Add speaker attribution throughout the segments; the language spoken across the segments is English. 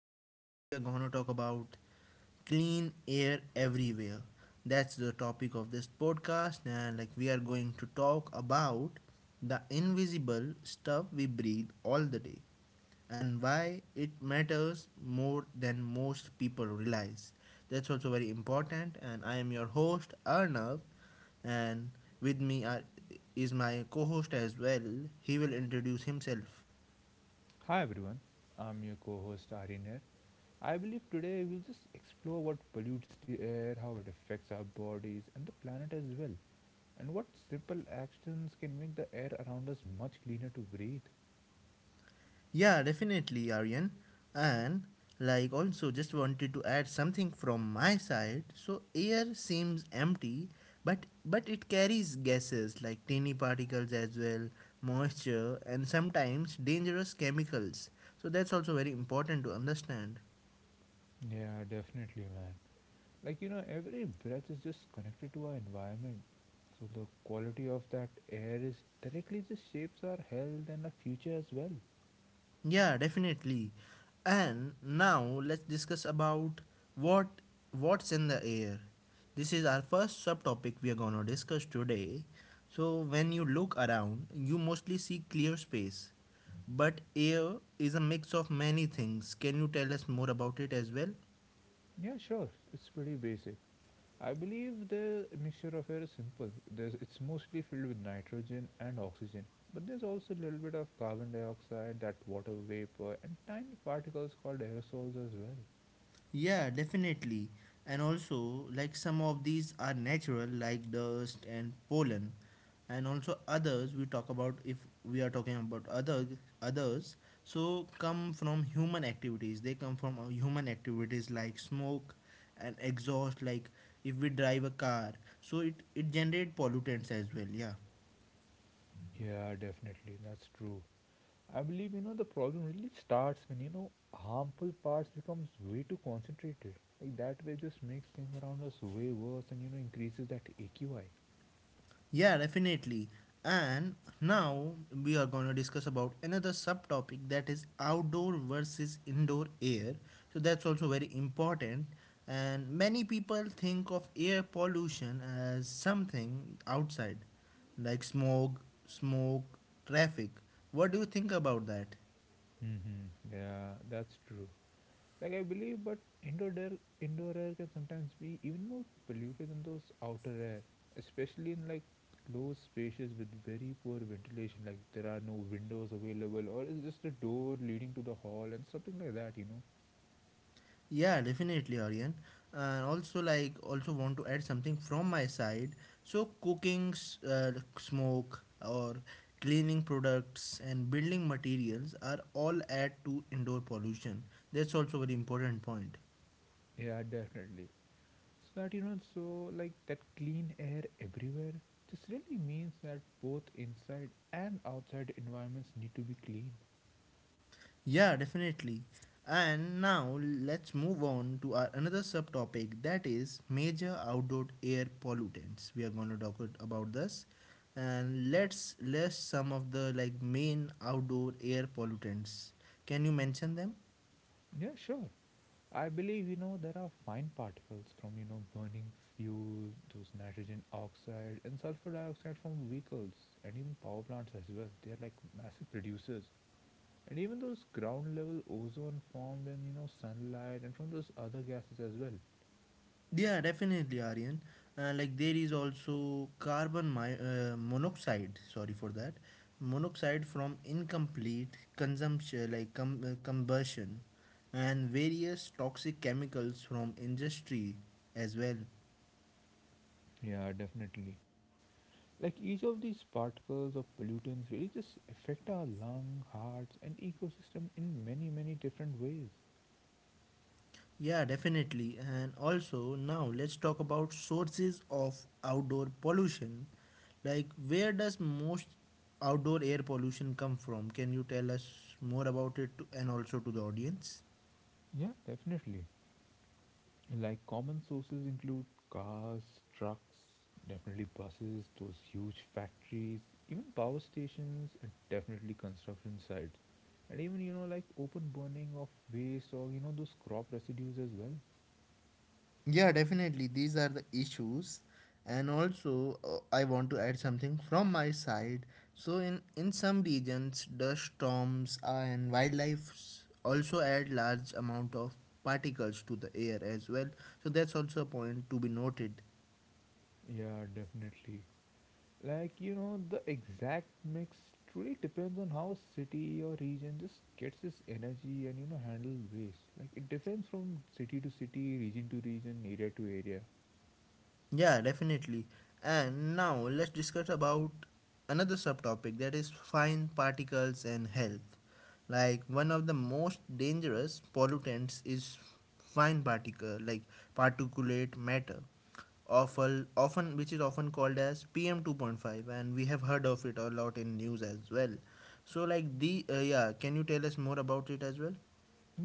Speaker 1: podcast, we are going to talk about clean air everywhere. That's the topic of this podcast, and like we are going to talk about the invisible stuff we breathe all the day and why it matters more than most people realize. That's also very important. And I am your host, Arnav, and with me are, is my co host as well. He will introduce himself.
Speaker 2: Hi everyone, I'm your co host Aryan here. I believe today we'll just explore what pollutes the air, how it affects our bodies and the planet as well, and what simple actions can make the air around us much cleaner to breathe.
Speaker 1: Yeah, definitely, Aryan. And like also just wanted to add something from my side. So air seems empty, but it carries gases like tiny particles as well, moisture and sometimes dangerous chemicals. So that's also very important to understand.
Speaker 2: Yeah, definitely, man. Every breath is just connected to our environment. So the quality of that air is directly just shapes our health and our future as well.
Speaker 1: Yeah, definitely. And now let's discuss about what what's in the air. This is our first subtopic we are going to discuss today. So when you look around, you mostly see clear space. But air is a mix of many things. Can you tell us more about it as well?
Speaker 2: Yeah, sure. It's pretty basic. I believe the mixture of air is simple. It's mostly filled with nitrogen and oxygen, but there's also a little bit of carbon dioxide, that water vapor, and tiny particles called aerosols as well.
Speaker 1: Yeah, definitely. And also, like some of these are natural, like dust and pollen, and also others we talk about if we are talking about other others. So come from human activities. They come from human activities like smoke and exhaust. Like if we drive a car, so it generate pollutants as well. Yeah.
Speaker 2: Yeah, definitely, that's true. I believe the problem really starts when harmful parts becomes way too concentrated. Like that way, just makes things around us way worse, and increases that AQI.
Speaker 1: Yeah, definitely. And now we are going to discuss about another subtopic that is outdoor versus indoor air. So that's also very important. And many people think of air pollution as something outside, like smog, smoke, traffic. What do you think about that?
Speaker 2: Mm-hmm. Yeah, that's true. Like I believe, but indoor air can sometimes be even more polluted than those outer air, especially in like closed spaces with very poor ventilation. Like there are no windows available, or it's just a door leading to the hall and something like that. You know,
Speaker 1: Yeah, definitely, Aryan. And also, like, also want to add something from my side. So, smoke, or cleaning products and building materials are all add to indoor pollution. That's also very important point.
Speaker 2: yeah, definitely. So that, so like that clean air everywhere just really means that both inside and outside environments need to be clean.
Speaker 1: Yeah, definitely. And now let's move on to our another subtopic that is major outdoor air pollutants. We are going to about this and let's list some of the like main outdoor air pollutants. Can you mention them?
Speaker 2: Yeah, sure. I believe there are fine particles from burning fuel, those nitrogen oxide and sulfur dioxide from vehicles and even power plants as well. They are like massive producers. And even those ground level ozone formed in sunlight and from those other gases as well.
Speaker 1: Yeah, definitely, Aryan. Like there is also monoxide. Sorry for that, monoxide from incomplete consumption, like combustion, and various toxic chemicals from industry as well.
Speaker 2: Yeah, definitely. Like each of these particles of pollutants really just affect our lung, hearts and ecosystem in many many different ways.
Speaker 1: Yeah, definitely. And also now let's talk about sources of outdoor pollution. Like where does most outdoor air pollution come from? Can you tell us more about and also to the audience?
Speaker 2: Yeah, definitely. Like common sources include cars, trucks, definitely buses, those huge factories, even power stations, and definitely construction sites. And even, like open burning of waste or, those crop residues as well.
Speaker 1: Yeah, definitely. These are the issues. And also, I want to add something from my side. So, in some regions, dust storms and wildlife also add large amount of particles to the air as well. So, that's also a point to be noted.
Speaker 2: Yeah, definitely. Like, the exact mix truly depends on how a city or region just gets its energy and, handle waste. Like, it depends from city to city, region to region, area to area.
Speaker 1: Yeah, definitely. And now let's discuss about another subtopic that is fine particles and health. Like one of the most dangerous pollutants is fine particle like particulate matter. Often which is often called as PM 2.5, and we have heard of it a lot in news as well. So like the yeah, can you tell us more about it as well?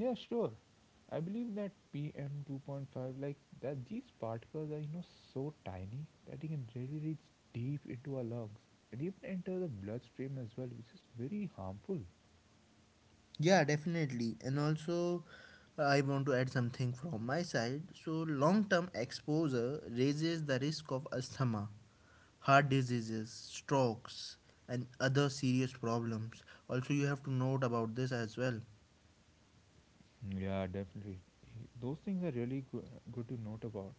Speaker 2: Yeah, sure. I believe that PM 2.5, like that, these particles are so tiny that it can really reach deep into our lungs and even enter the bloodstream as well, which is very harmful.
Speaker 1: Yeah, definitely. And also, I want to add something from my side. So, long term exposure raises the risk of asthma, heart diseases, strokes, and other serious problems. Also, you have to note about this as well.
Speaker 2: Yeah, definitely. Those things are really good to note about.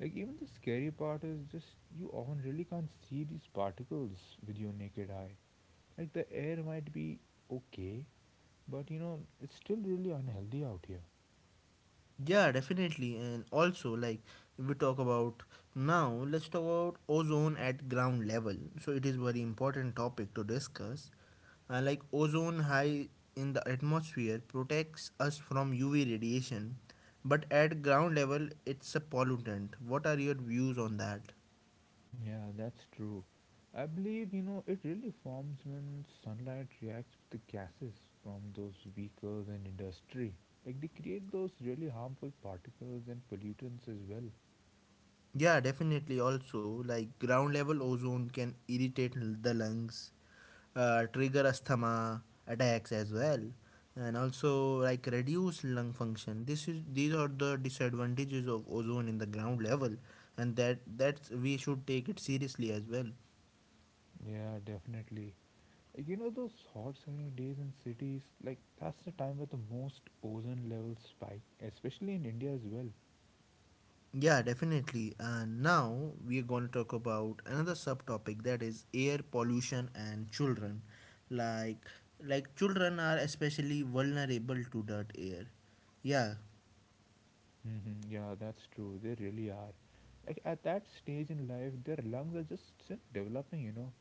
Speaker 2: Like even the scary part is just you often really can't see these particles with your naked eye. Like the air might be okay, but it's still really unhealthy out here.
Speaker 1: Yeah, definitely. And also, like, if we talk about now, let's talk about ozone at ground level. So, it is very important topic to discuss. Like, ozone high in the atmosphere protects us from UV radiation, but at ground level, it's a pollutant. What are your views on that?
Speaker 2: Yeah, that's true. I believe, it really forms when sunlight reacts with the gases from those vehicles and industry. Like they create those really harmful particles and pollutants as well.
Speaker 1: Yeah, definitely. Also, like, ground level ozone can irritate the lungs, trigger asthma attacks as well, and also like reduce lung function. This is these are the disadvantages of ozone in the ground level, and that's we should take it seriously as well.
Speaker 2: Yeah, definitely. Like those hot sunny days in cities, like that's the time where the most ozone levels spike, especially in India as well.
Speaker 1: Yeah, definitely. And now we're going to talk about another subtopic that is air pollution and children. Like like children are especially vulnerable to dirt air, yeah.
Speaker 2: Yeah, that's true. They really are. Like at that stage in life, their lungs are just still developing.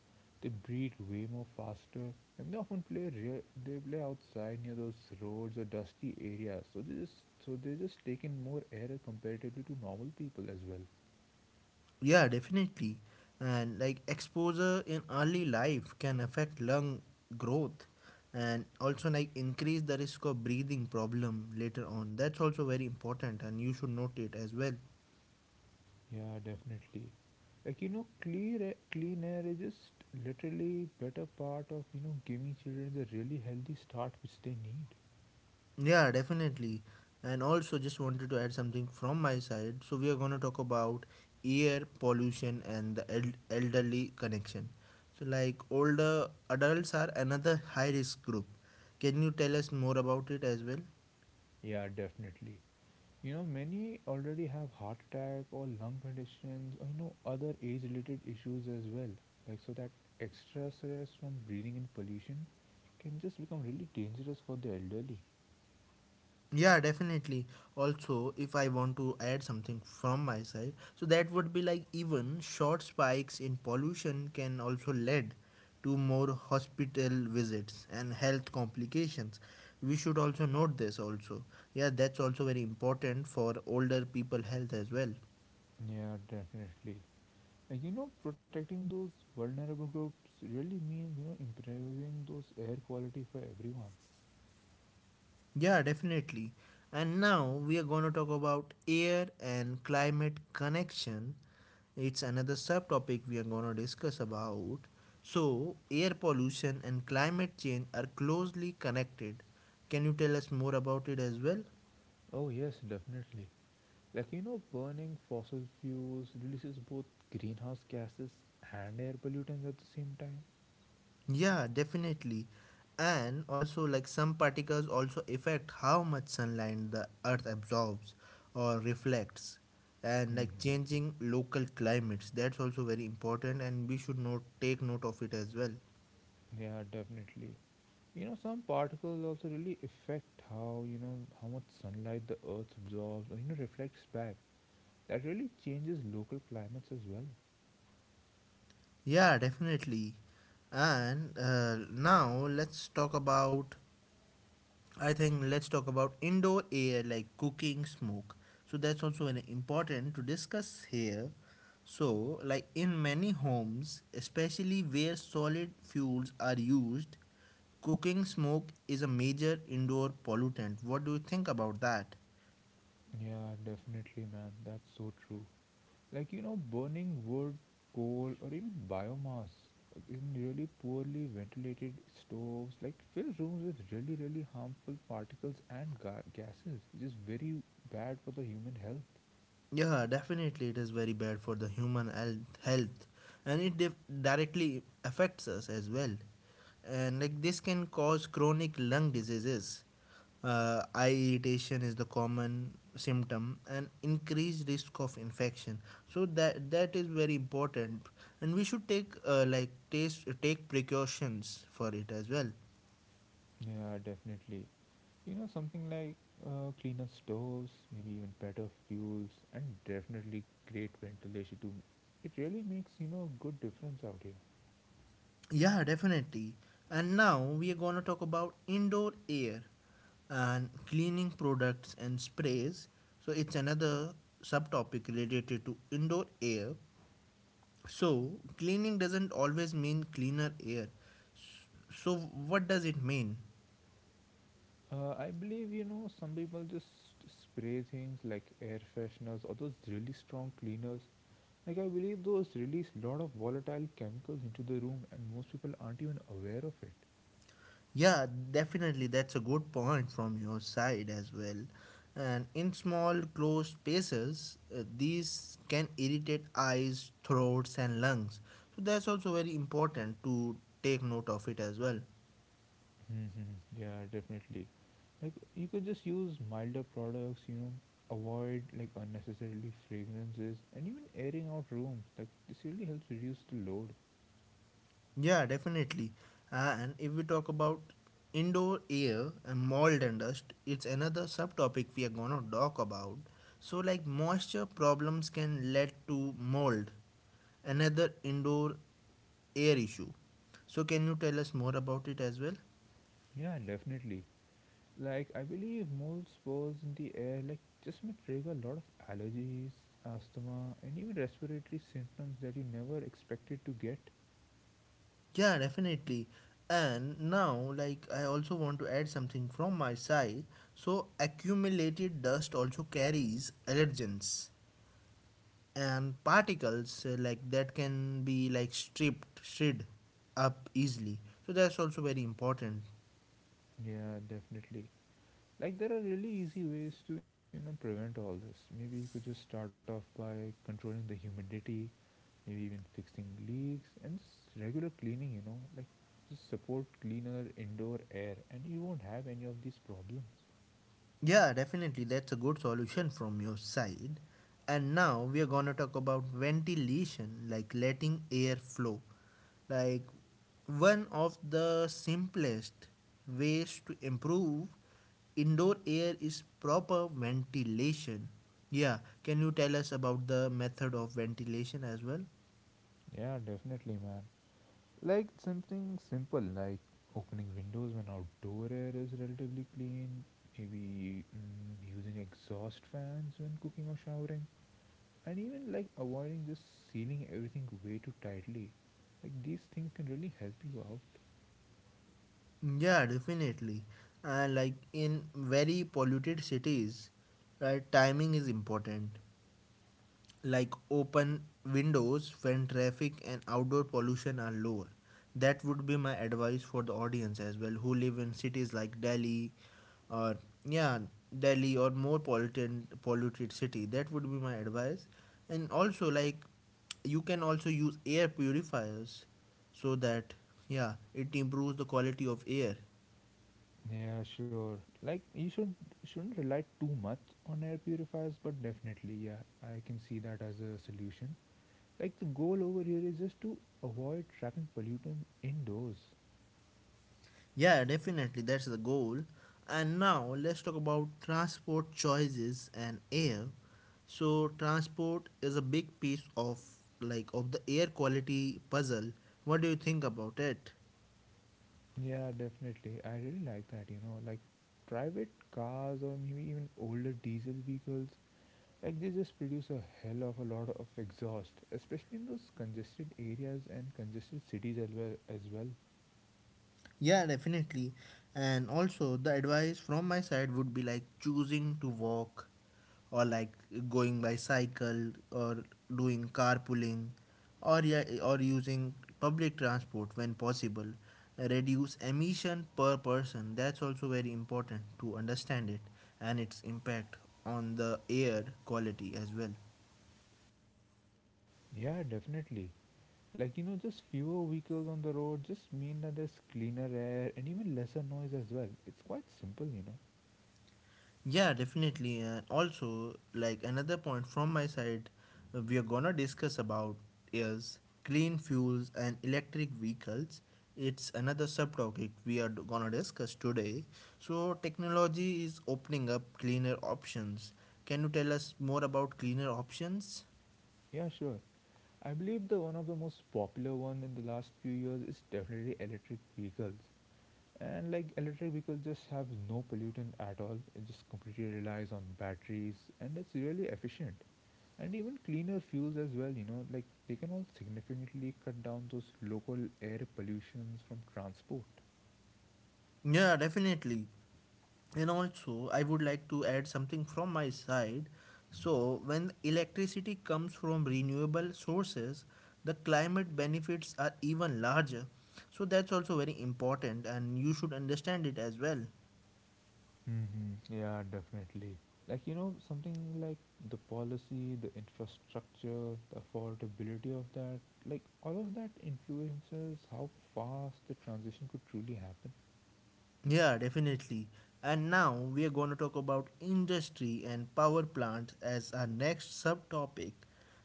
Speaker 2: They breathe way more faster, and they often they play outside near those roads or dusty areas. So they just take in more air comparatively to normal people as well.
Speaker 1: Yeah, definitely. And like exposure in early life can affect lung growth, and also like increase the risk of breathing problem later on. That's also very important and you should note it as well.
Speaker 2: Yeah, definitely. Like, clear air, clean air is just literally better part of giving children the really healthy start which they need.
Speaker 1: Yeah, definitely. And also just wanted to add something from my side. So we are going to talk about air pollution and the elderly connection. So like older adults are another high risk group. Can you tell us more about it as well?
Speaker 2: Yeah, definitely. Many already have heart attack or lung conditions or other age related issues as well. Like so that extra stress from breathing in pollution can just become really dangerous for the elderly.
Speaker 1: Yeah, definitely. Also, if I want to add something from my side, so that would be like even short spikes in pollution can also lead to more hospital visits and health complications. We should also note this also. Yeah, that's also very important for older people health as well.
Speaker 2: Yeah, definitely. And protecting those vulnerable groups really means, improving those air quality for everyone.
Speaker 1: Yeah, definitely. And now we are going to talk about air and climate connection. It's another subtopic we are going to discuss about. So, air pollution and climate change are closely connected. Can you tell us more about it as well?
Speaker 2: Oh, yes, definitely. Like, burning fossil fuels releases both greenhouse gases and air pollutants at the same time.
Speaker 1: Yeah, definitely. And also, like some particles also affect how much sunlight the earth absorbs or reflects, and like
Speaker 2: hmm
Speaker 1: changing local climates. That's also very important, and we should not take note of it as well.
Speaker 2: Yeah, definitely. Some particles also really affect how, how much sunlight the earth absorbs or, reflects back. That really changes local climates as well.
Speaker 1: Yeah, definitely. And now let's talk about I think let's talk about indoor air like cooking smoke. So that's also an important to discuss here. So like in many homes, especially where solid fuels are used, cooking smoke is a major indoor pollutant. What do you think about that?
Speaker 2: Yeah, definitely, man. That's so true. Like, burning wood, coal, or even biomass in really poorly ventilated stoves, like, fill rooms with really, really harmful particles and gases, which is very bad for the human health.
Speaker 1: Yeah, definitely it is very bad for the human health, and it directly affects us as well. And like this can cause chronic lung diseases. Eye irritation is the common symptom and increased risk of infection. So that is very important and we should take precautions for it as well.
Speaker 2: Yeah, definitely. Something like cleaner stoves, maybe even better fuels, and definitely great ventilation too. It really makes good difference out here.
Speaker 1: Yeah, definitely. And now we are going to talk about indoor air and cleaning products and sprays. So it's another subtopic related to indoor air. So cleaning doesn't always mean cleaner air. So what does it mean?
Speaker 2: I believe some people just spray things like air fresheners or those really strong cleaners. Like I believe those release lot of volatile chemicals into the room, and most people aren't even aware of it.
Speaker 1: Yeah, definitely. That's a good point from your side as well. And in small, closed spaces, these can irritate eyes, throats, and lungs. So that's also very important to take note of it as well.
Speaker 2: Yeah, definitely. Like you could just use milder products, avoid like unnecessarily fragrances and even airing out rooms. Like this really helps reduce the load.
Speaker 1: Yeah, definitely. And if we talk about indoor air and mold and dust, it's another subtopic we are gonna talk about. So, like moisture problems can lead to mold, another indoor air issue. So, can you tell us more about it as well?
Speaker 2: Yeah, definitely. Like I believe mold spores in the air like just may trigger a lot of allergies, asthma and even respiratory symptoms that you never expected to get.
Speaker 1: Yeah, definitely. And now, like, I also want to add something from my side. So, accumulated dust also carries allergens and particles, like that can be like stripped shred up easily, so that's also very important.
Speaker 2: Yeah, definitely. Like there are really easy ways to, prevent all this. Maybe you could just start off by controlling the humidity maybe even fixing leaks and just regular cleaning like just support cleaner indoor air and you won't have any of these problems.
Speaker 1: Yeah, definitely, that's a good solution from your side. And now we are going to talk about ventilation, like letting air flow. Like one of the simplest ways to improve indoor air is proper ventilation. Yeah, can you tell us about the method of ventilation as well?
Speaker 2: Yeah, definitely, man. Like something simple like opening windows when outdoor air is relatively clean, maybe using exhaust fans when cooking or showering, and even like avoiding just sealing everything way too tightly. Like these things can really help you out.
Speaker 1: Yeah, definitely. And like in very polluted cities, right, timing is important. Like open windows when traffic and outdoor pollution are lower. That would be my advice for the audience as well who live in cities like Delhi or yeah, Delhi or more polluted city. That would be my advice. And also like you can also use air purifiers so that yeah, it improves the quality of air.
Speaker 2: Yeah, sure. Like you should shouldn't rely too much on air purifiers, but definitely, yeah, I can see that as a solution. Like the goal over here is just to avoid trapping pollutant indoors.
Speaker 1: Yeah, definitely, that's the goal. And now let's talk about transport choices and air. So transport is a big piece of of the air quality puzzle. What do you think about it?
Speaker 2: Yeah, definitely. I really like that, like private cars or maybe even older diesel vehicles, like they just produce a hell of a lot of exhaust, especially in those congested areas and congested cities as well.
Speaker 1: Yeah, definitely. And also, the advice from my side would be like choosing to walk or like going by cycle or doing carpooling or yeah, or using public transport when possible. Reduce emission per person. That's also very important to understand it and its impact on the air quality as well.
Speaker 2: Yeah, definitely. Like, just fewer vehicles on the road just mean that there's cleaner air and even lesser noise as well. It's quite simple,
Speaker 1: Yeah, definitely. And also, like another point from my side, we are gonna discuss about is clean fuels and electric vehicles. It's another subtopic we are gonna discuss today. So, technology is opening up cleaner options. Can you tell us more about cleaner options?
Speaker 2: Yeah, sure. I believe the one of the most popular one in the last few years is definitely electric vehicles. And like electric vehicles just have no pollutant at all. It just completely relies on batteries and it's really efficient. And even cleaner fuels as well, like they can all significantly cut down those local air pollutions from transport.
Speaker 1: Yeah, definitely. And also, I would like to add something from my side. So, when electricity comes from renewable sources, the climate benefits are even larger. So, that's also very important, and you should understand it as well.
Speaker 2: Yeah, definitely. Like, something like the policy, the infrastructure, the affordability of that, like, all of that influences how fast the transition could truly happen.
Speaker 1: Yeah, definitely. And now we are going to talk about industry and power plants as our next subtopic.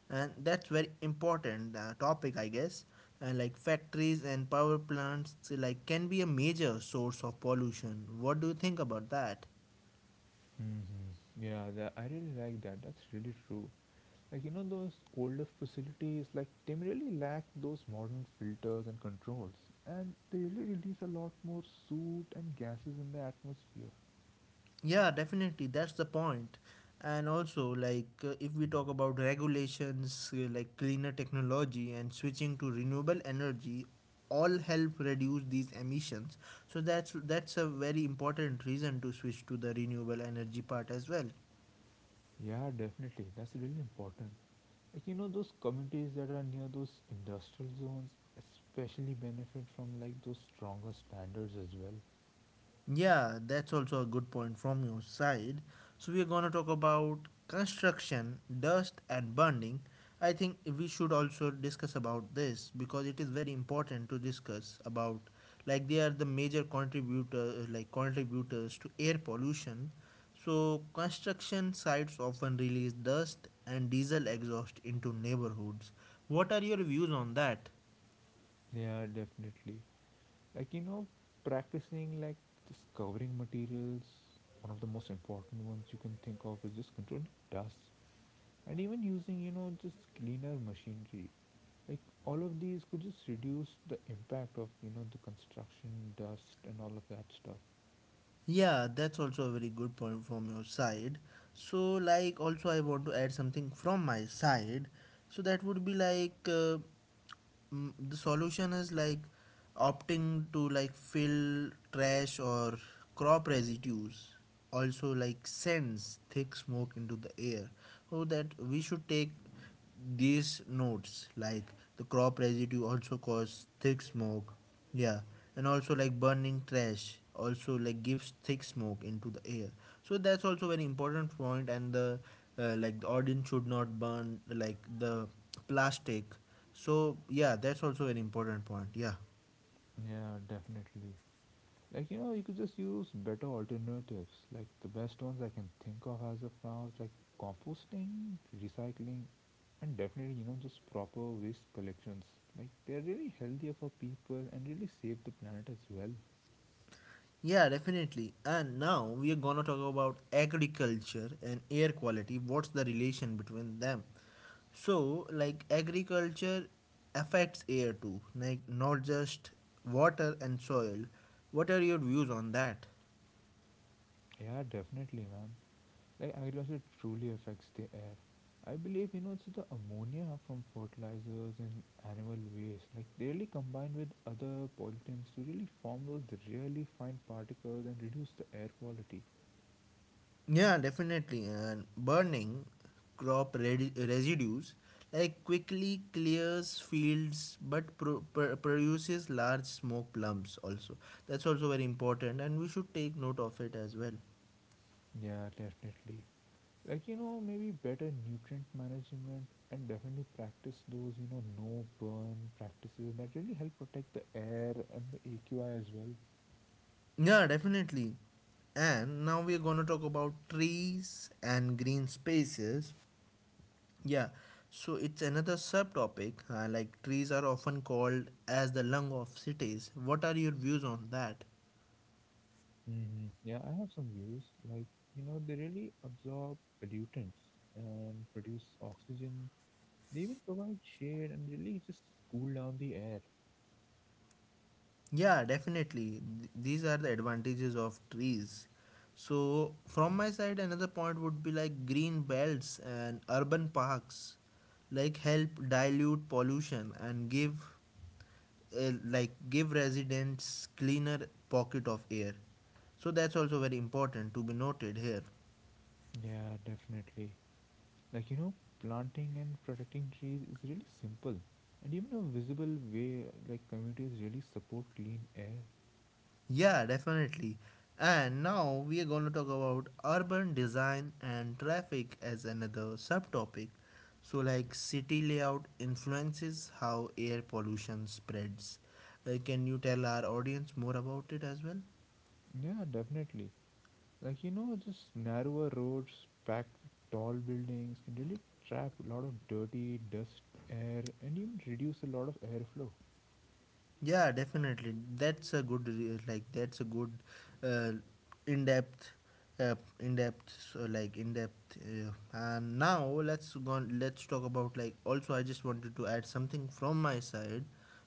Speaker 1: And that's very important topic, I guess. And like factories and power plants like can be a major source of pollution. What do you think about that?
Speaker 2: Yeah, that, I really like that. That's really true. Like, those older facilities, like, they really lack those modern filters and controls. And they really release a lot more soot and gases in the atmosphere.
Speaker 1: Yeah, definitely. That's the point. And also, like, if we talk about regulations, like cleaner technology and switching to renewable energy, all help reduce these emissions. So that's a very important reason to switch to the renewable energy part as well.
Speaker 2: Yeah, definitely. That's really important. Like, those communities that are near those industrial zones especially benefit from like those stronger standards as well.
Speaker 1: Yeah, that's also a good point from your side. So we are gonna talk about construction, dust and burning. I think we should also discuss about this because it is very important to discuss about like they are the major contributor like contributors to air pollution. So construction sites often release dust and diesel exhaust into neighborhoods. What are your views on that?
Speaker 2: Yeah, definitely. Like, practicing like just covering materials, one of the most important ones you can think of is just controlling dust and even using, just cleaner machinery. Like, all of these could just reduce the impact of, the construction dust and all of that stuff.
Speaker 1: Yeah, that's also a very good point from your side. So, like, also, I want to add something from my side. So, that would be like the solution is like opting to like fill trash or crop residues, also, like, sends thick smoke into the air. So, that we should take these notes, like the crop residue, also cause thick smoke. Yeah, and also like burning trash also like gives thick smoke into the air. So that's also very important point, and the like the audience should not burn like the plastic. So yeah, that's also an important point. Yeah.
Speaker 2: Yeah, definitely. Like, you could just use better alternatives. Like the best ones I can think of as of now is like composting, recycling, and definitely just proper waste collections. Like they are really healthier for people and really save the planet as well.
Speaker 1: Yeah, definitely. And now we are gonna talk about agriculture and air quality. What's the relation between them? So, like agriculture affects air too, like not just water and soil. What are your views on that?
Speaker 2: Yeah, definitely, man. Like agriculture truly affects the air. I believe it's the ammonia from fertilizers and animal waste. Like they really combine with other pollutants to really form those really fine particles and reduce the air quality.
Speaker 1: Yeah, definitely. And burning residues like quickly clears fields but produces large smoke clumps also. That's also very important and we should take note of it as well.
Speaker 2: Yeah, definitely. Like, maybe better nutrient management and definitely practice those, no burn practices that really help protect the air and the AQI as well.
Speaker 1: Yeah, definitely. And now we're gonna talk about trees and green spaces. Yeah, so it's another subtopic. Like trees are often called as the lung of cities. What are your views on that?
Speaker 2: Yeah, I have some views. Like, they really absorb pollutants and produce oxygen. They even provide shade and really just cool down the air.
Speaker 1: Yeah, definitely. These are the advantages of trees. So, from my side, another point would be like green belts and urban parks, like help dilute pollution and give, like give residents cleaner pocket of air. So that's also very important to be noted here.
Speaker 2: Yeah, definitely. Like, planting and protecting trees is really simple and even a visible way like communities really support clean air.
Speaker 1: Yeah, definitely. And now we are going to talk about urban design and traffic as another subtopic. So, like city layout influences how air pollution spreads. Can you tell our audience more about it as well?
Speaker 2: Yeah, definitely. Like, just narrower roads packed with tall buildings can really trap a lot of dirty dust air and even reduce a lot of airflow.
Speaker 1: Yeah, definitely. That's a good uh, in depth in depth and now let's go on, let's talk about like also I just wanted to add something from my side.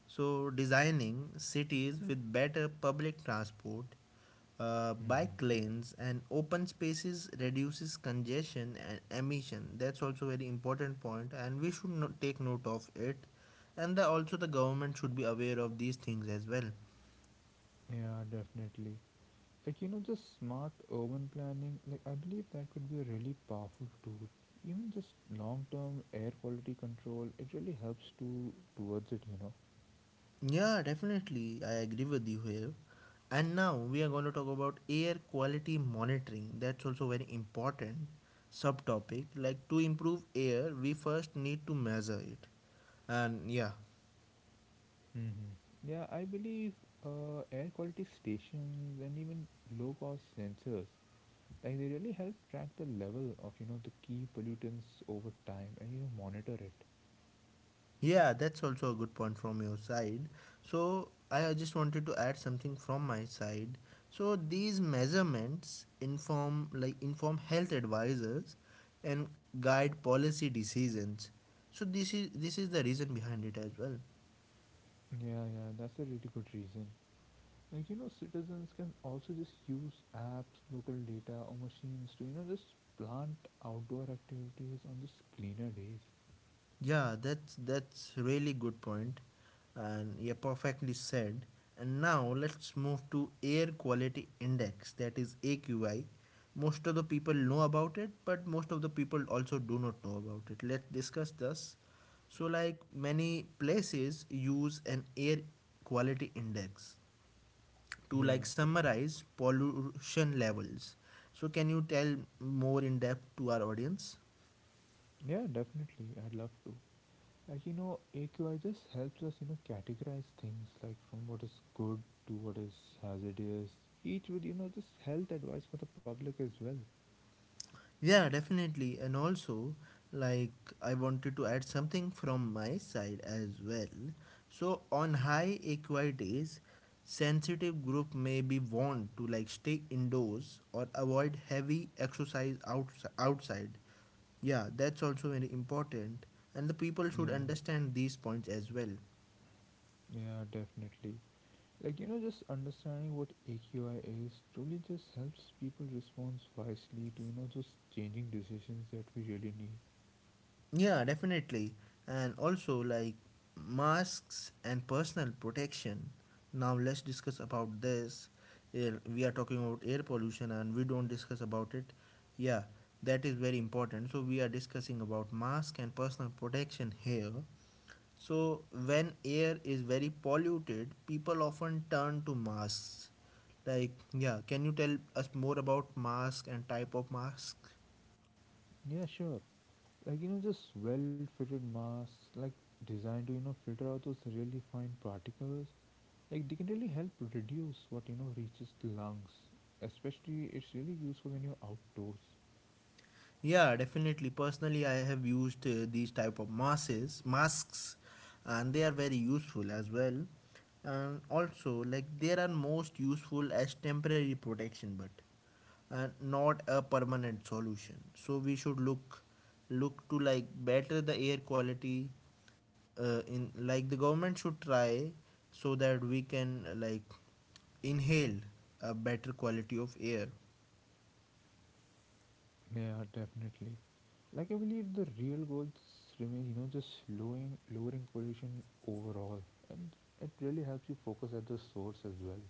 Speaker 1: So designing cities with better public transport,
Speaker 2: hmm
Speaker 1: bike lanes and open spaces reduces congestion and emission. That's also very important point, and we should not take note of it. And the, also the government should be aware of these things as well.
Speaker 2: Yeah, definitely. Like you know, just smart urban planning, like I believe that could be a really powerful tool, even just long term air quality control. It really helps to towards it.
Speaker 1: Yeah, definitely, I agree with you here. And now we are going to talk about air quality monitoring. That's also very important subtopic. Like to improve air, we first need to measure it. And yeah.
Speaker 2: hmm yeah, I believe air quality stations and even low cost sensors, like they really help track the level of, you know, the key pollutants over time and, you know, monitor it.
Speaker 1: Yeah, that's also a good point from your side. So, I just wanted to add something from my side. So, these measurements inform health advisors and guide policy decisions. So, this is the reason behind it as well.
Speaker 2: Yeah, yeah, that's a really good reason. Like you know, citizens can also just use apps, local data or machines to, you know, just plant outdoor activities on just cleaner days.
Speaker 1: Yeah, that's really good point, and yeah, perfectly said. And now let's move to air quality index, that is AQI. Most of the people know about it, but most of the people also do not know about it. Let's discuss this. So, like many places use an air quality index to like
Speaker 2: Yeah.
Speaker 1: summarize pollution levels. So, can you tell more in depth to our audience?
Speaker 2: Yeah, definitely, I'd love to. Like you know, AQI just helps us, you know, categorize things, like from what is good to what is hazardous, each with, you know, just health advice for the public as well.
Speaker 1: Yeah, definitely. And also, like, I wanted to add something from my side as well. So, on high AQI days, sensitive group may be warned to like stay indoors or avoid heavy exercise outside. Yeah, that's also very important. And the people should
Speaker 2: Yeah.
Speaker 1: understand these points as well.
Speaker 2: Yeah, definitely. Like, you know, just understanding what AQI is truly just helps people respond wisely to, you know, those changing decisions that we really need.
Speaker 1: Yeah, definitely. And also like masks and personal protection. Now let's discuss about this. We are talking about air pollution and we don't discuss about it. Yeah, that is very important. So we are discussing about mask and personal protection here. So when air is very polluted, people often turn to masks. Like, yeah, can you tell us more about mask and type of mask?
Speaker 2: Yeah, sure. Like, you know, just well fitted masks, like designed to, you know, filter out those really fine particles. Like, they can really help reduce what, you know, reaches the lungs. Especially, it's really useful when you're outdoors.
Speaker 1: Yeah, definitely. Personally, I have used these type of masks, and they are very useful as well. And also, like they are most useful as temporary protection, but not a permanent solution. So we should look to like better the air quality. In like the government should try so that we can like inhale a better quality of air.
Speaker 2: Yeah, definitely. Like I believe the real goals remain, you know, just lowering pollution overall, and it really helps you focus at the source as well.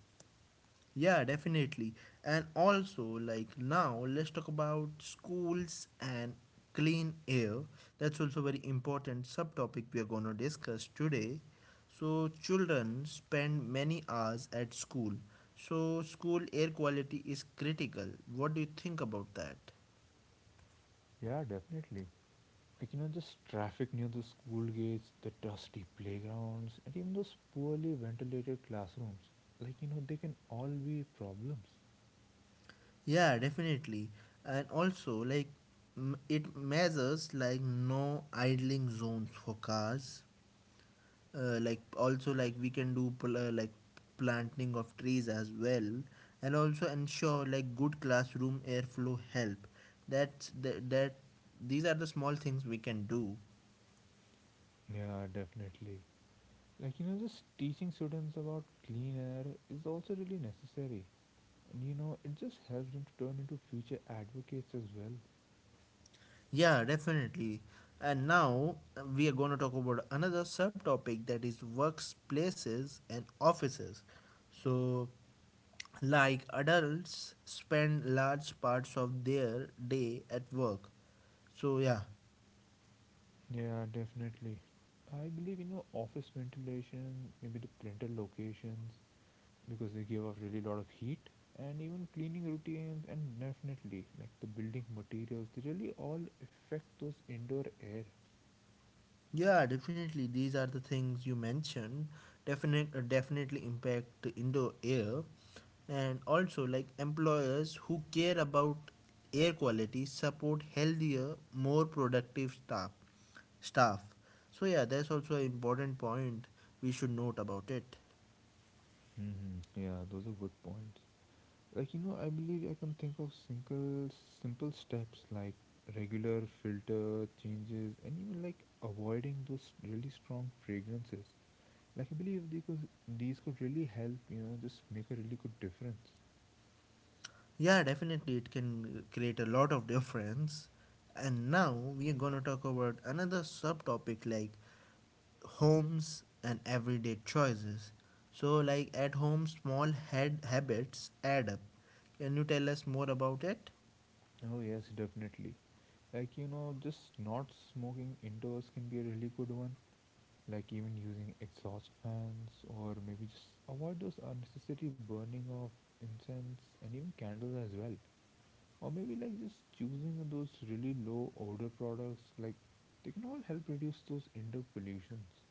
Speaker 1: Yeah, definitely. And also, like now, let's talk about schools and clean air. That's also very important subtopic we are going to discuss today. So, children spend many hours at school. So, school air quality is critical. What do you think about that?
Speaker 2: Yeah, definitely. Like you know, just traffic near the school gates, the dusty playgrounds, and even those poorly ventilated classrooms. Like you know, they can all be problems.
Speaker 1: Yeah, definitely. And also, like, it measures like no idling zones for cars, like also like we can do planting of trees as well and also ensure like good classroom airflow help. That's the that These are the small things we can do.
Speaker 2: Yeah, definitely. Like you know, just teaching students about clean air is also really necessary, and you know, it just helps them to turn into future advocates as well.
Speaker 1: Yeah, definitely. And now we are going to talk about another subtopic that is workplaces and offices. So like adults spend large parts of their day at work. So yeah.
Speaker 2: Yeah, definitely. I believe you know office ventilation, maybe the printer locations because they give off really lot of heat, and even cleaning routines, and definitely like the building materials, they really all affect those indoor air.
Speaker 1: Yeah, definitely. These are the things you mentioned. Definitely impact the indoor air, and also like employers who care about air quality support healthier, more productive staff. So yeah, that's also an important point we should note about it.
Speaker 2: Yeah, those are good points. Like you know, I believe I can think of single simple steps like regular filter changes, and even like avoiding those really strong fragrances. Like I believe these could really help, you know, just make a really good difference.
Speaker 1: Yeah, definitely, it can create a lot of difference. And now we are gonna talk about another subtopic like homes and everyday choices. So, like at home, small head habits add up. Can you tell us more about it?
Speaker 2: Oh yes, definitely. Like you know, just not smoking indoors can be a really good one. Like even using exhaust fans or maybe just avoid those unnecessary burning of incense and even candles as well. Or maybe like just choosing those really low odor products, like they can all help reduce those indoor pollutions.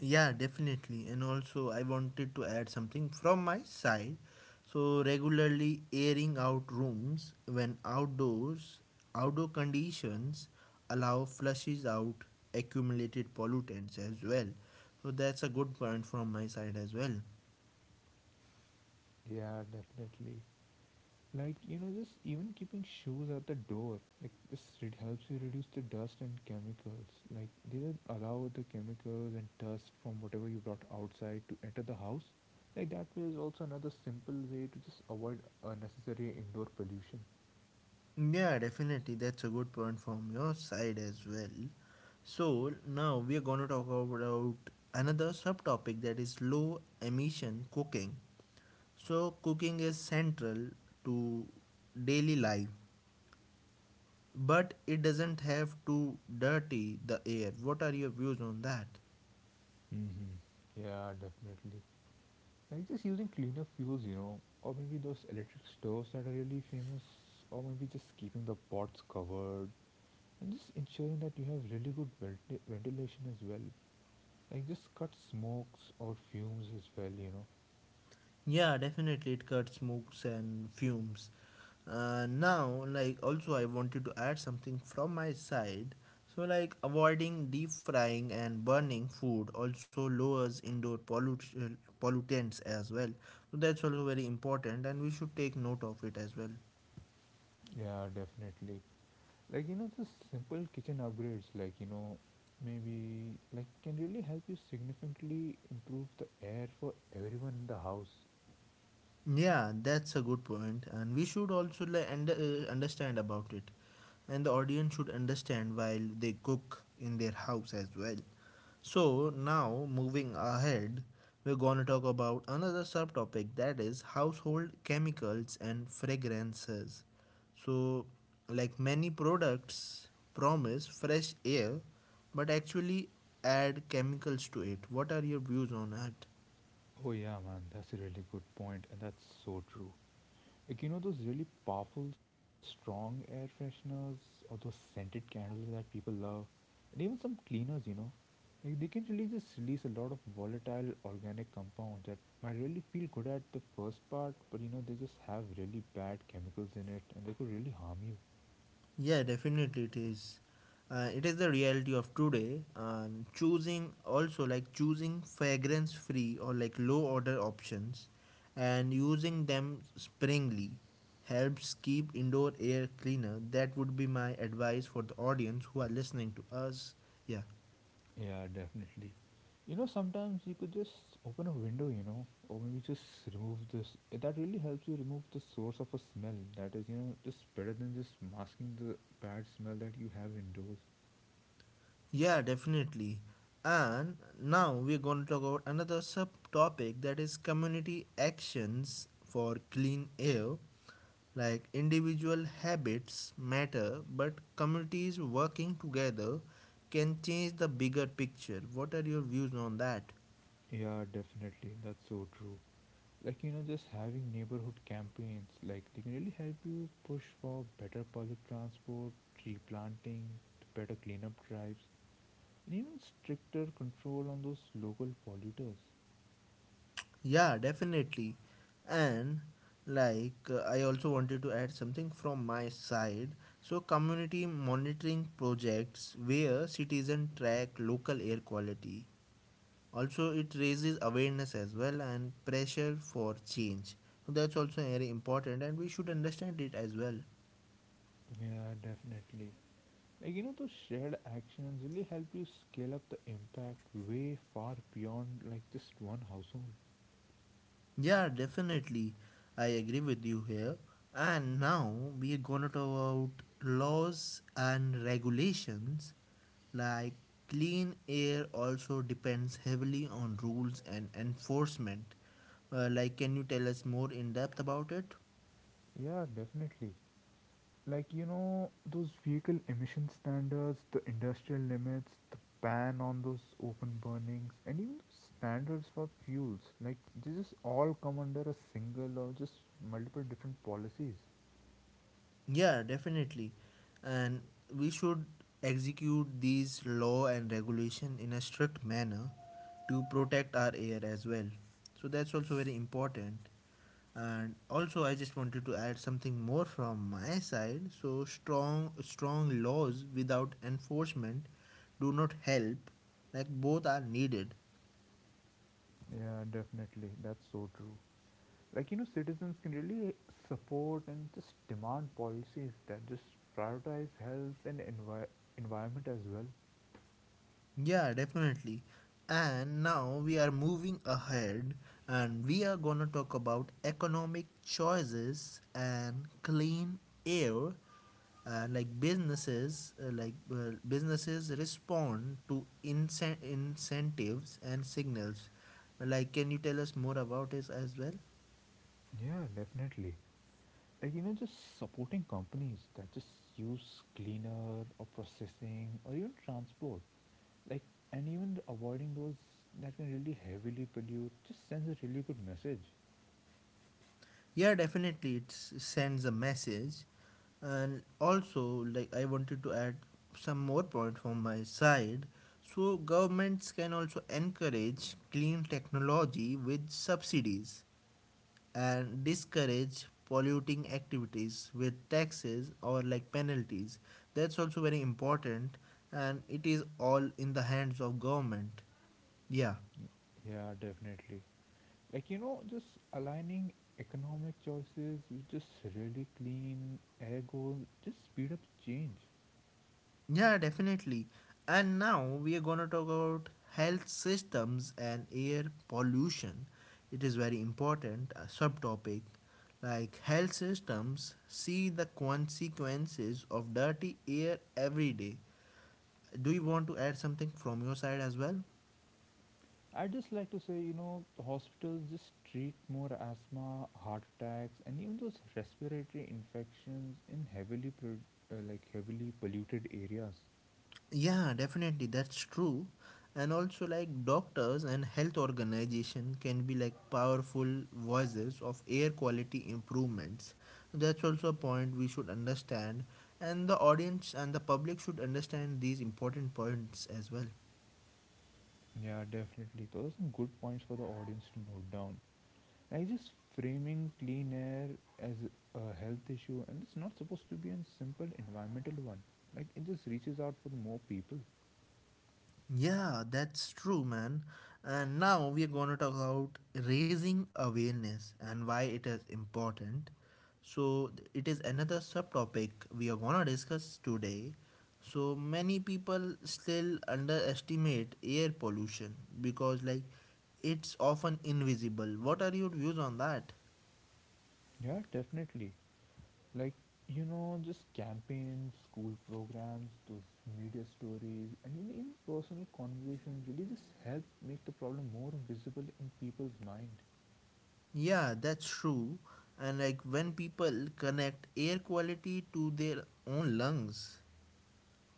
Speaker 1: Yeah, definitely. And also, I wanted to add something from my side. So, regularly airing out rooms when outdoors, outdoor conditions allow flushes out accumulated pollutants as well. So, that's a good point from my side as well.
Speaker 2: Yeah, definitely. Like, you know, just even keeping shoes at the door, like, this it helps you reduce the dust and chemicals. Like, they don't allow the chemicals and dust from whatever you brought outside to enter the house. Like, that way is also another simple way to just avoid unnecessary indoor pollution.
Speaker 1: Yeah, definitely. That's a good point from your side as well. So now we are going to talk about another subtopic that is low emission cooking. So cooking is central to daily life, but it doesn't have to dirty the air. What are your views on that?
Speaker 2: hmm Yeah, definitely. Like, just using cleaner fuels, you know, or maybe those electric stoves that are really famous, or maybe just keeping the pots covered, and just ensuring that you have really good ventilation as well. Like just cut smokes or fumes as well.
Speaker 1: Yeah, definitely it cuts smokes and fumes. Now also I wanted to add something from my side. So like avoiding deep frying and burning food also lowers pollutants as well. So that's also very important and we should take note of it as well.
Speaker 2: Yeah, definitely. Like you know, just simple kitchen upgrades, like you know, maybe like can really help you significantly improve the air for everyone in the house.
Speaker 1: Yeah, that's a good point and we should also like understand about it, and the audience should understand while they cook in their house as well. So, now moving ahead, we're going to talk about another subtopic that is household chemicals and fragrances. So, like many products promise fresh air but actually add chemicals to it. What are your views on that?
Speaker 2: Oh yeah man, that's a really good point and that's so true. Like you know those really powerful, strong air fresheners or those scented candles that people love, and even some cleaners, you know, like they can really just release a lot of volatile organic compounds that might really feel good at the first part, but you know they just have really bad chemicals in it, and they could really harm you.
Speaker 1: Yeah, definitely it is. It is the reality of today. Choosing also like choosing fragrance free or like low order options and using them sparingly helps keep indoor air cleaner. That would be my advice for the audience who are listening to us. Yeah.
Speaker 2: Yeah, definitely. You know, sometimes you could just open a window, you know, or maybe just remove this. That really helps you remove the source of a smell. That is, you know, just better than just masking the bad smell that you have indoors.
Speaker 1: Yeah, definitely. And now we're going to talk about another subtopic that is community actions for clean air. Like individual habits matter, but communities working together can change the bigger picture. What are your views on that?
Speaker 2: Yeah, definitely. That's so true. Like, you know, just having neighborhood campaigns, like, they can really help you push for better public transport, tree planting, better cleanup drives, and even stricter control on those local polluters.
Speaker 1: Yeah, definitely. And like I also wanted to add something from my side. So community monitoring projects where citizens track local air quality. Also it raises awareness as well and pressure for change. So that's also very important and we should understand it as well.
Speaker 2: Yeah, definitely. Like, you know, those shared actions really help you scale up the impact way far beyond like just one household.
Speaker 1: Yeah, definitely. I agree with you here. And now we are gonna talk about laws and regulations. Like clean air also depends heavily on rules and enforcement. Can you tell us more in depth about it?
Speaker 2: Yeah, definitely. Like, you know, those vehicle emission standards, the industrial limits, the ban on those open burnings, and even those standards for fuels, like, they just all come under a single or just multiple different policies.
Speaker 1: Yeah, definitely. And we should execute these law and regulation in a strict manner to protect our air as well. So that's also very important. And also I just wanted to add something more from my side. So strong laws without enforcement do not help. Like both are needed.
Speaker 2: Yeah, definitely. That's so true. Like you know, citizens can really support and just demand policies that just prioritize health and environment as well.
Speaker 1: Yeah, definitely. And now we are moving ahead and we are gonna talk about economic choices and clean air. And like businesses well, businesses respond to incentives and signals. Like can you tell us more about this as well?
Speaker 2: Yeah, definitely. Like you know, just supporting companies that just use cleaner or processing or even transport, like, and even avoiding those that can really heavily pollute just sends a really good message.
Speaker 1: Yeah, definitely, it sends a message, and also like I wanted to add some more point from my side. So governments can also encourage clean technology with subsidies and discourage polluting activities with taxes or like penalties. That's also very important, and it is all in the hands of government. Yeah.
Speaker 2: Y- yeah, definitely. Like, you know, just aligning economic choices with just really clean air goals just speed up change.
Speaker 1: Yeah, definitely. And now we are going to talk about health systems and air pollution. It is very important a subtopic. Like health systems see the consequences of dirty air every day. Do you want to add something from your side as well?
Speaker 2: I just like to say, you know, the hospitals just treat more asthma, heart attacks, and even those respiratory infections in heavily like heavily polluted areas.
Speaker 1: Yeah, definitely, that's true. And also, like doctors and health organization can be like powerful voices of air quality improvements. That's also a point we should understand, and the audience and the public should understand these important points as well.
Speaker 2: Yeah, definitely. Those are some good points for the audience to note down. I just framing clean air as a health issue, and it's not supposed to be a simple environmental one. Like it just reaches out for the more people.
Speaker 1: Yeah, that's true, man. And now we are going to talk about raising awareness and why it is important. So, it is another subtopic we are going to discuss today. So, many people still underestimate air pollution because, like, it's often invisible. What are your views on that?
Speaker 2: Yeah, definitely. Like you know, just campaigns, school programs, those media stories, and even personal conversations really just help make the problem more visible in people's mind.
Speaker 1: Yeah, that's true. And like when people connect air quality to their own lungs,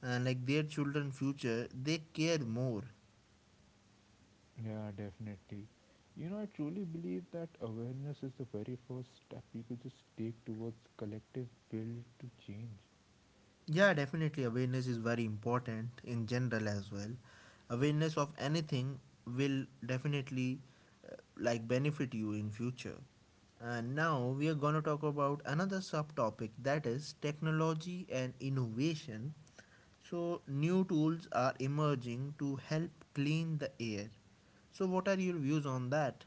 Speaker 1: and like their children future they care more.
Speaker 2: Yeah, definitely. You know, I truly believe that awareness is the very first step you could just take towards collective will to change.
Speaker 1: Yeah, definitely, awareness is very important in general as well. Awareness of anything will definitely like benefit you in future. And now we are going to talk about another subtopic, that is technology and innovation. So new tools are emerging to help clean the air. So what are your views on that?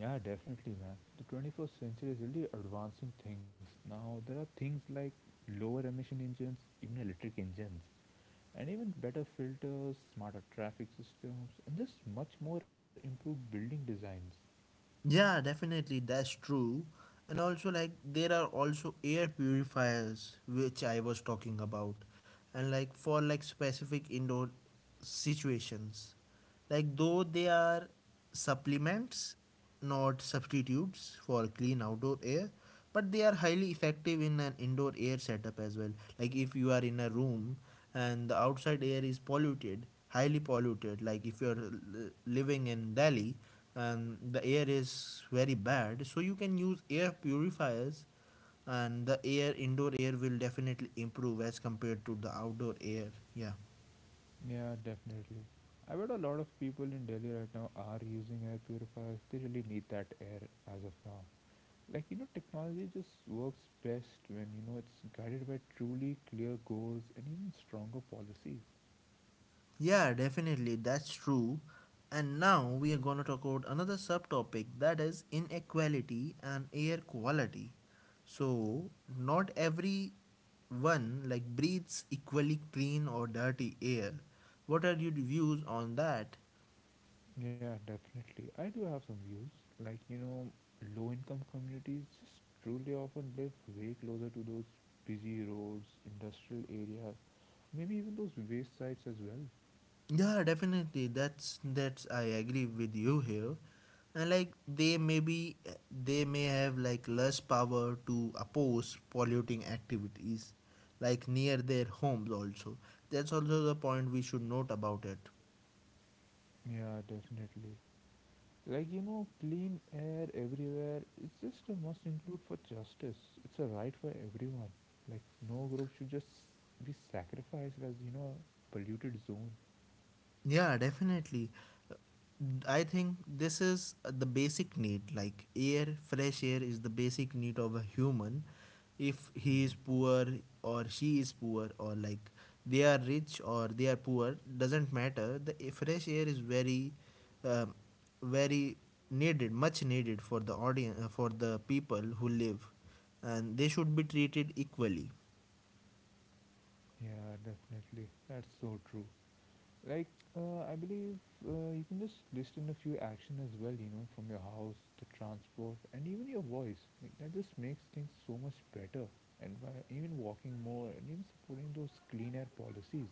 Speaker 2: Yeah, definitely, man. The 21st century is really advancing things. Now, there are things like lower emission engines, even electric engines, and even better filters, smarter traffic systems, and just much more improved building designs.
Speaker 1: Yeah, definitely, that's true. And also, like, there are also air purifiers, which I was talking about, and like for like specific indoor situations. Like, though they are supplements, not substitutes for clean outdoor air, but they are highly effective in an indoor air setup as well. Like if you are in a room and the outside air is polluted, highly polluted, like if you are living in Delhi and the air is very bad, so you can use air purifiers and the air, indoor air will definitely improve as compared to the outdoor air. Yeah.
Speaker 2: Yeah, definitely. I bet a lot of people in Delhi right now are using air purifiers. They really need that air as of now. Like, you know, technology just works best when, you know, it's guided by truly clear goals and even stronger policies.
Speaker 1: Yeah, definitely, that's true. And now we are going to talk about another subtopic, that is inequality and air quality. So, not everyone like breathes equally clean or dirty air. What are your views on that?
Speaker 2: Yeah, definitely. I do have some views. Like, you know, low income communities just truly often live way closer to those busy roads, industrial areas, maybe even those waste sites as well.
Speaker 1: Yeah, definitely. That's I agree with you here. And like they may be they may have like less power to oppose polluting activities like near their homes also. That's also the point we should note about it.
Speaker 2: Yeah, definitely. Like, you know, clean air everywhere is just a must include for justice. It's a right for everyone. Like, no group should just be sacrificed as, you know, a polluted zone.
Speaker 1: Yeah, definitely. Uh, I think this is the basic need. Like air, fresh air is the basic need of a human. If he is
Speaker 2: hmm
Speaker 1: poor or she is poor, or like they are rich or they are poor, doesn't matter. The fresh air is very, um, very needed, much needed for the audience, for the people who live, and they should be treated equally.
Speaker 2: Yeah, definitely. That's so true. Like, I believe you can just list in a few action as well, you know, from your house, the transport, and even your voice. Like, that just makes things so much better. And by even walking more and even supporting those clean air policies.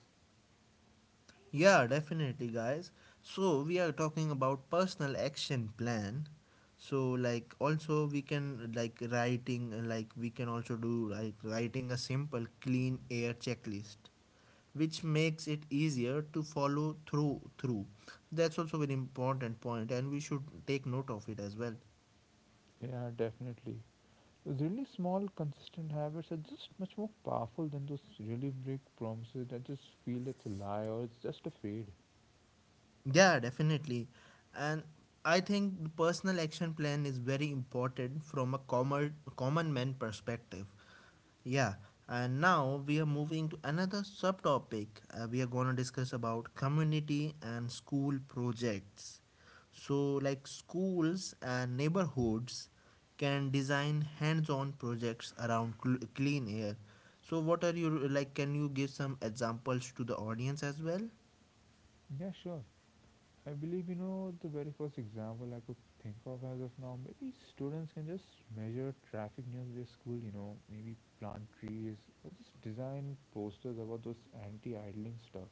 Speaker 1: Yeah, definitely, guys. So we are talking about personal action plan. So like also we can like writing like we can also do like writing a simple clean air checklist which makes it easier to follow through. That's also an important point and we should take note of it as well.
Speaker 2: Yeah, definitely. Those really small, consistent habits are just much more powerful than those really big promises that just feel it's a lie or it's just a fade.
Speaker 1: Yeah, definitely. And I think the personal action plan is very important from a common man perspective. Yeah. And now we are moving to another subtopic. We are going to discuss about community and school projects. So like schools and neighborhoods can design hands-on projects around clean air. So what are you like, can you give some examples to the audience as well?
Speaker 2: Yeah, sure. I believe you know the very first example I could think of as of now. Maybe students can just measure traffic near their school, you know, maybe plant trees or just design posters about those anti idling stuff.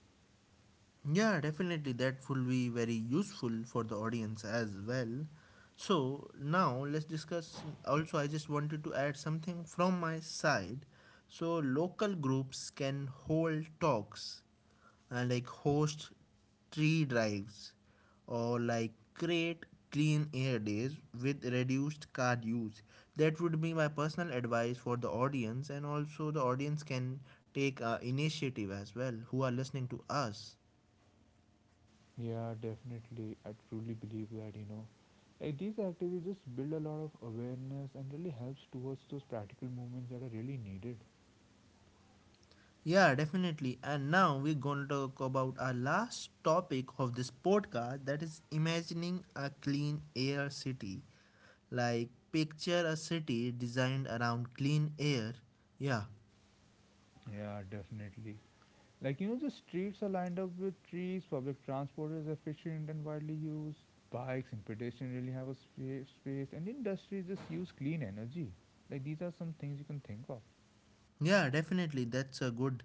Speaker 1: Yeah, definitely, that will be very useful for the audience as well. So now let's discuss, also I just wanted to add something from my side. So local groups can hold talks and like host tree drives or like create clean air days with reduced car use. That would be my personal advice for the audience, and also the audience can take initiative as well who are listening to us.
Speaker 2: Yeah, definitely. I truly believe that, you know. Like these activities just build a lot of awareness and really helps towards those practical movements that are really needed.
Speaker 1: Yeah, definitely. And now we're going to talk about our last topic of this podcast, that is imagining a clean air city. Like, picture a city designed around clean air. Yeah.
Speaker 2: Yeah, definitely. Like, you know, the streets are lined up with trees, public transport is efficient and widely used, bikes and pedestrians really have a space, and industries just use clean energy. Like, these are some things you can think of.
Speaker 1: Yeah, definitely. That's a good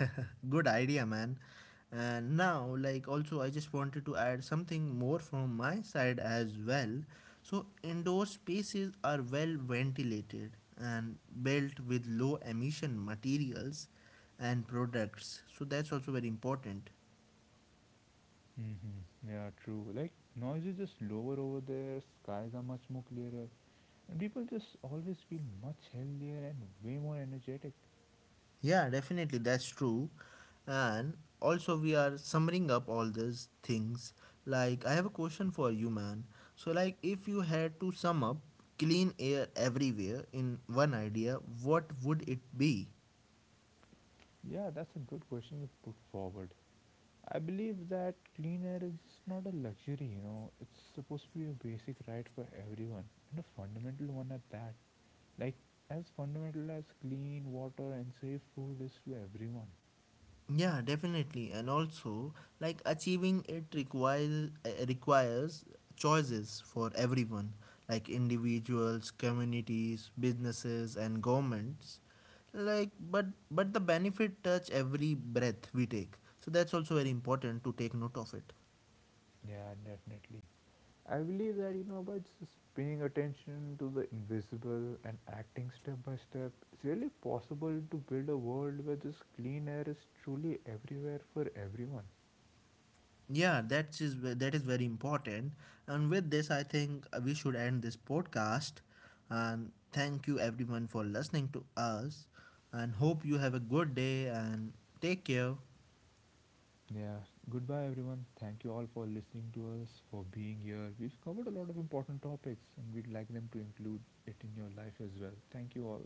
Speaker 1: good idea, man. And now like also I just wanted to add something more from my side as well. So indoor spaces are well ventilated and built with low emission materials and products. So that's also very important.
Speaker 2: Mm-hmm. Yeah, true. Like, noise is just lower over there, skies are much more clearer, and people just always feel much healthier and way more energetic.
Speaker 1: Yeah, definitely, that's true. And also, we are summing up all these things. Like, I have a question for you, man. So, like, if you had to sum up clean air everywhere in one idea, what would it be?
Speaker 2: Yeah, that's a good question you put forward. I believe that clean air is not a luxury, you know, it's supposed to be a basic right for everyone and a fundamental one at that. Like, as fundamental as clean water and safe food is to everyone.
Speaker 1: Yeah, definitely. And also, like achieving it requires requires choices for everyone, like individuals, communities, businesses and governments. Like but the benefit touch every breath we take. So that's also very important to take note of it.
Speaker 2: Yeah, definitely. I believe that, you know, by just paying attention to the invisible and acting step by step, it's really possible to build a world where just clean air is truly everywhere for everyone.
Speaker 1: Yeah, that is that is very important. And with this, I think we should end this podcast. And thank you everyone for listening to us. And hope you have a good day and take care.
Speaker 2: Yeah, goodbye everyone. Thank you all for listening to us, for being here. We've covered a lot of important topics and we'd like them to include it in your life as well. Thank you all.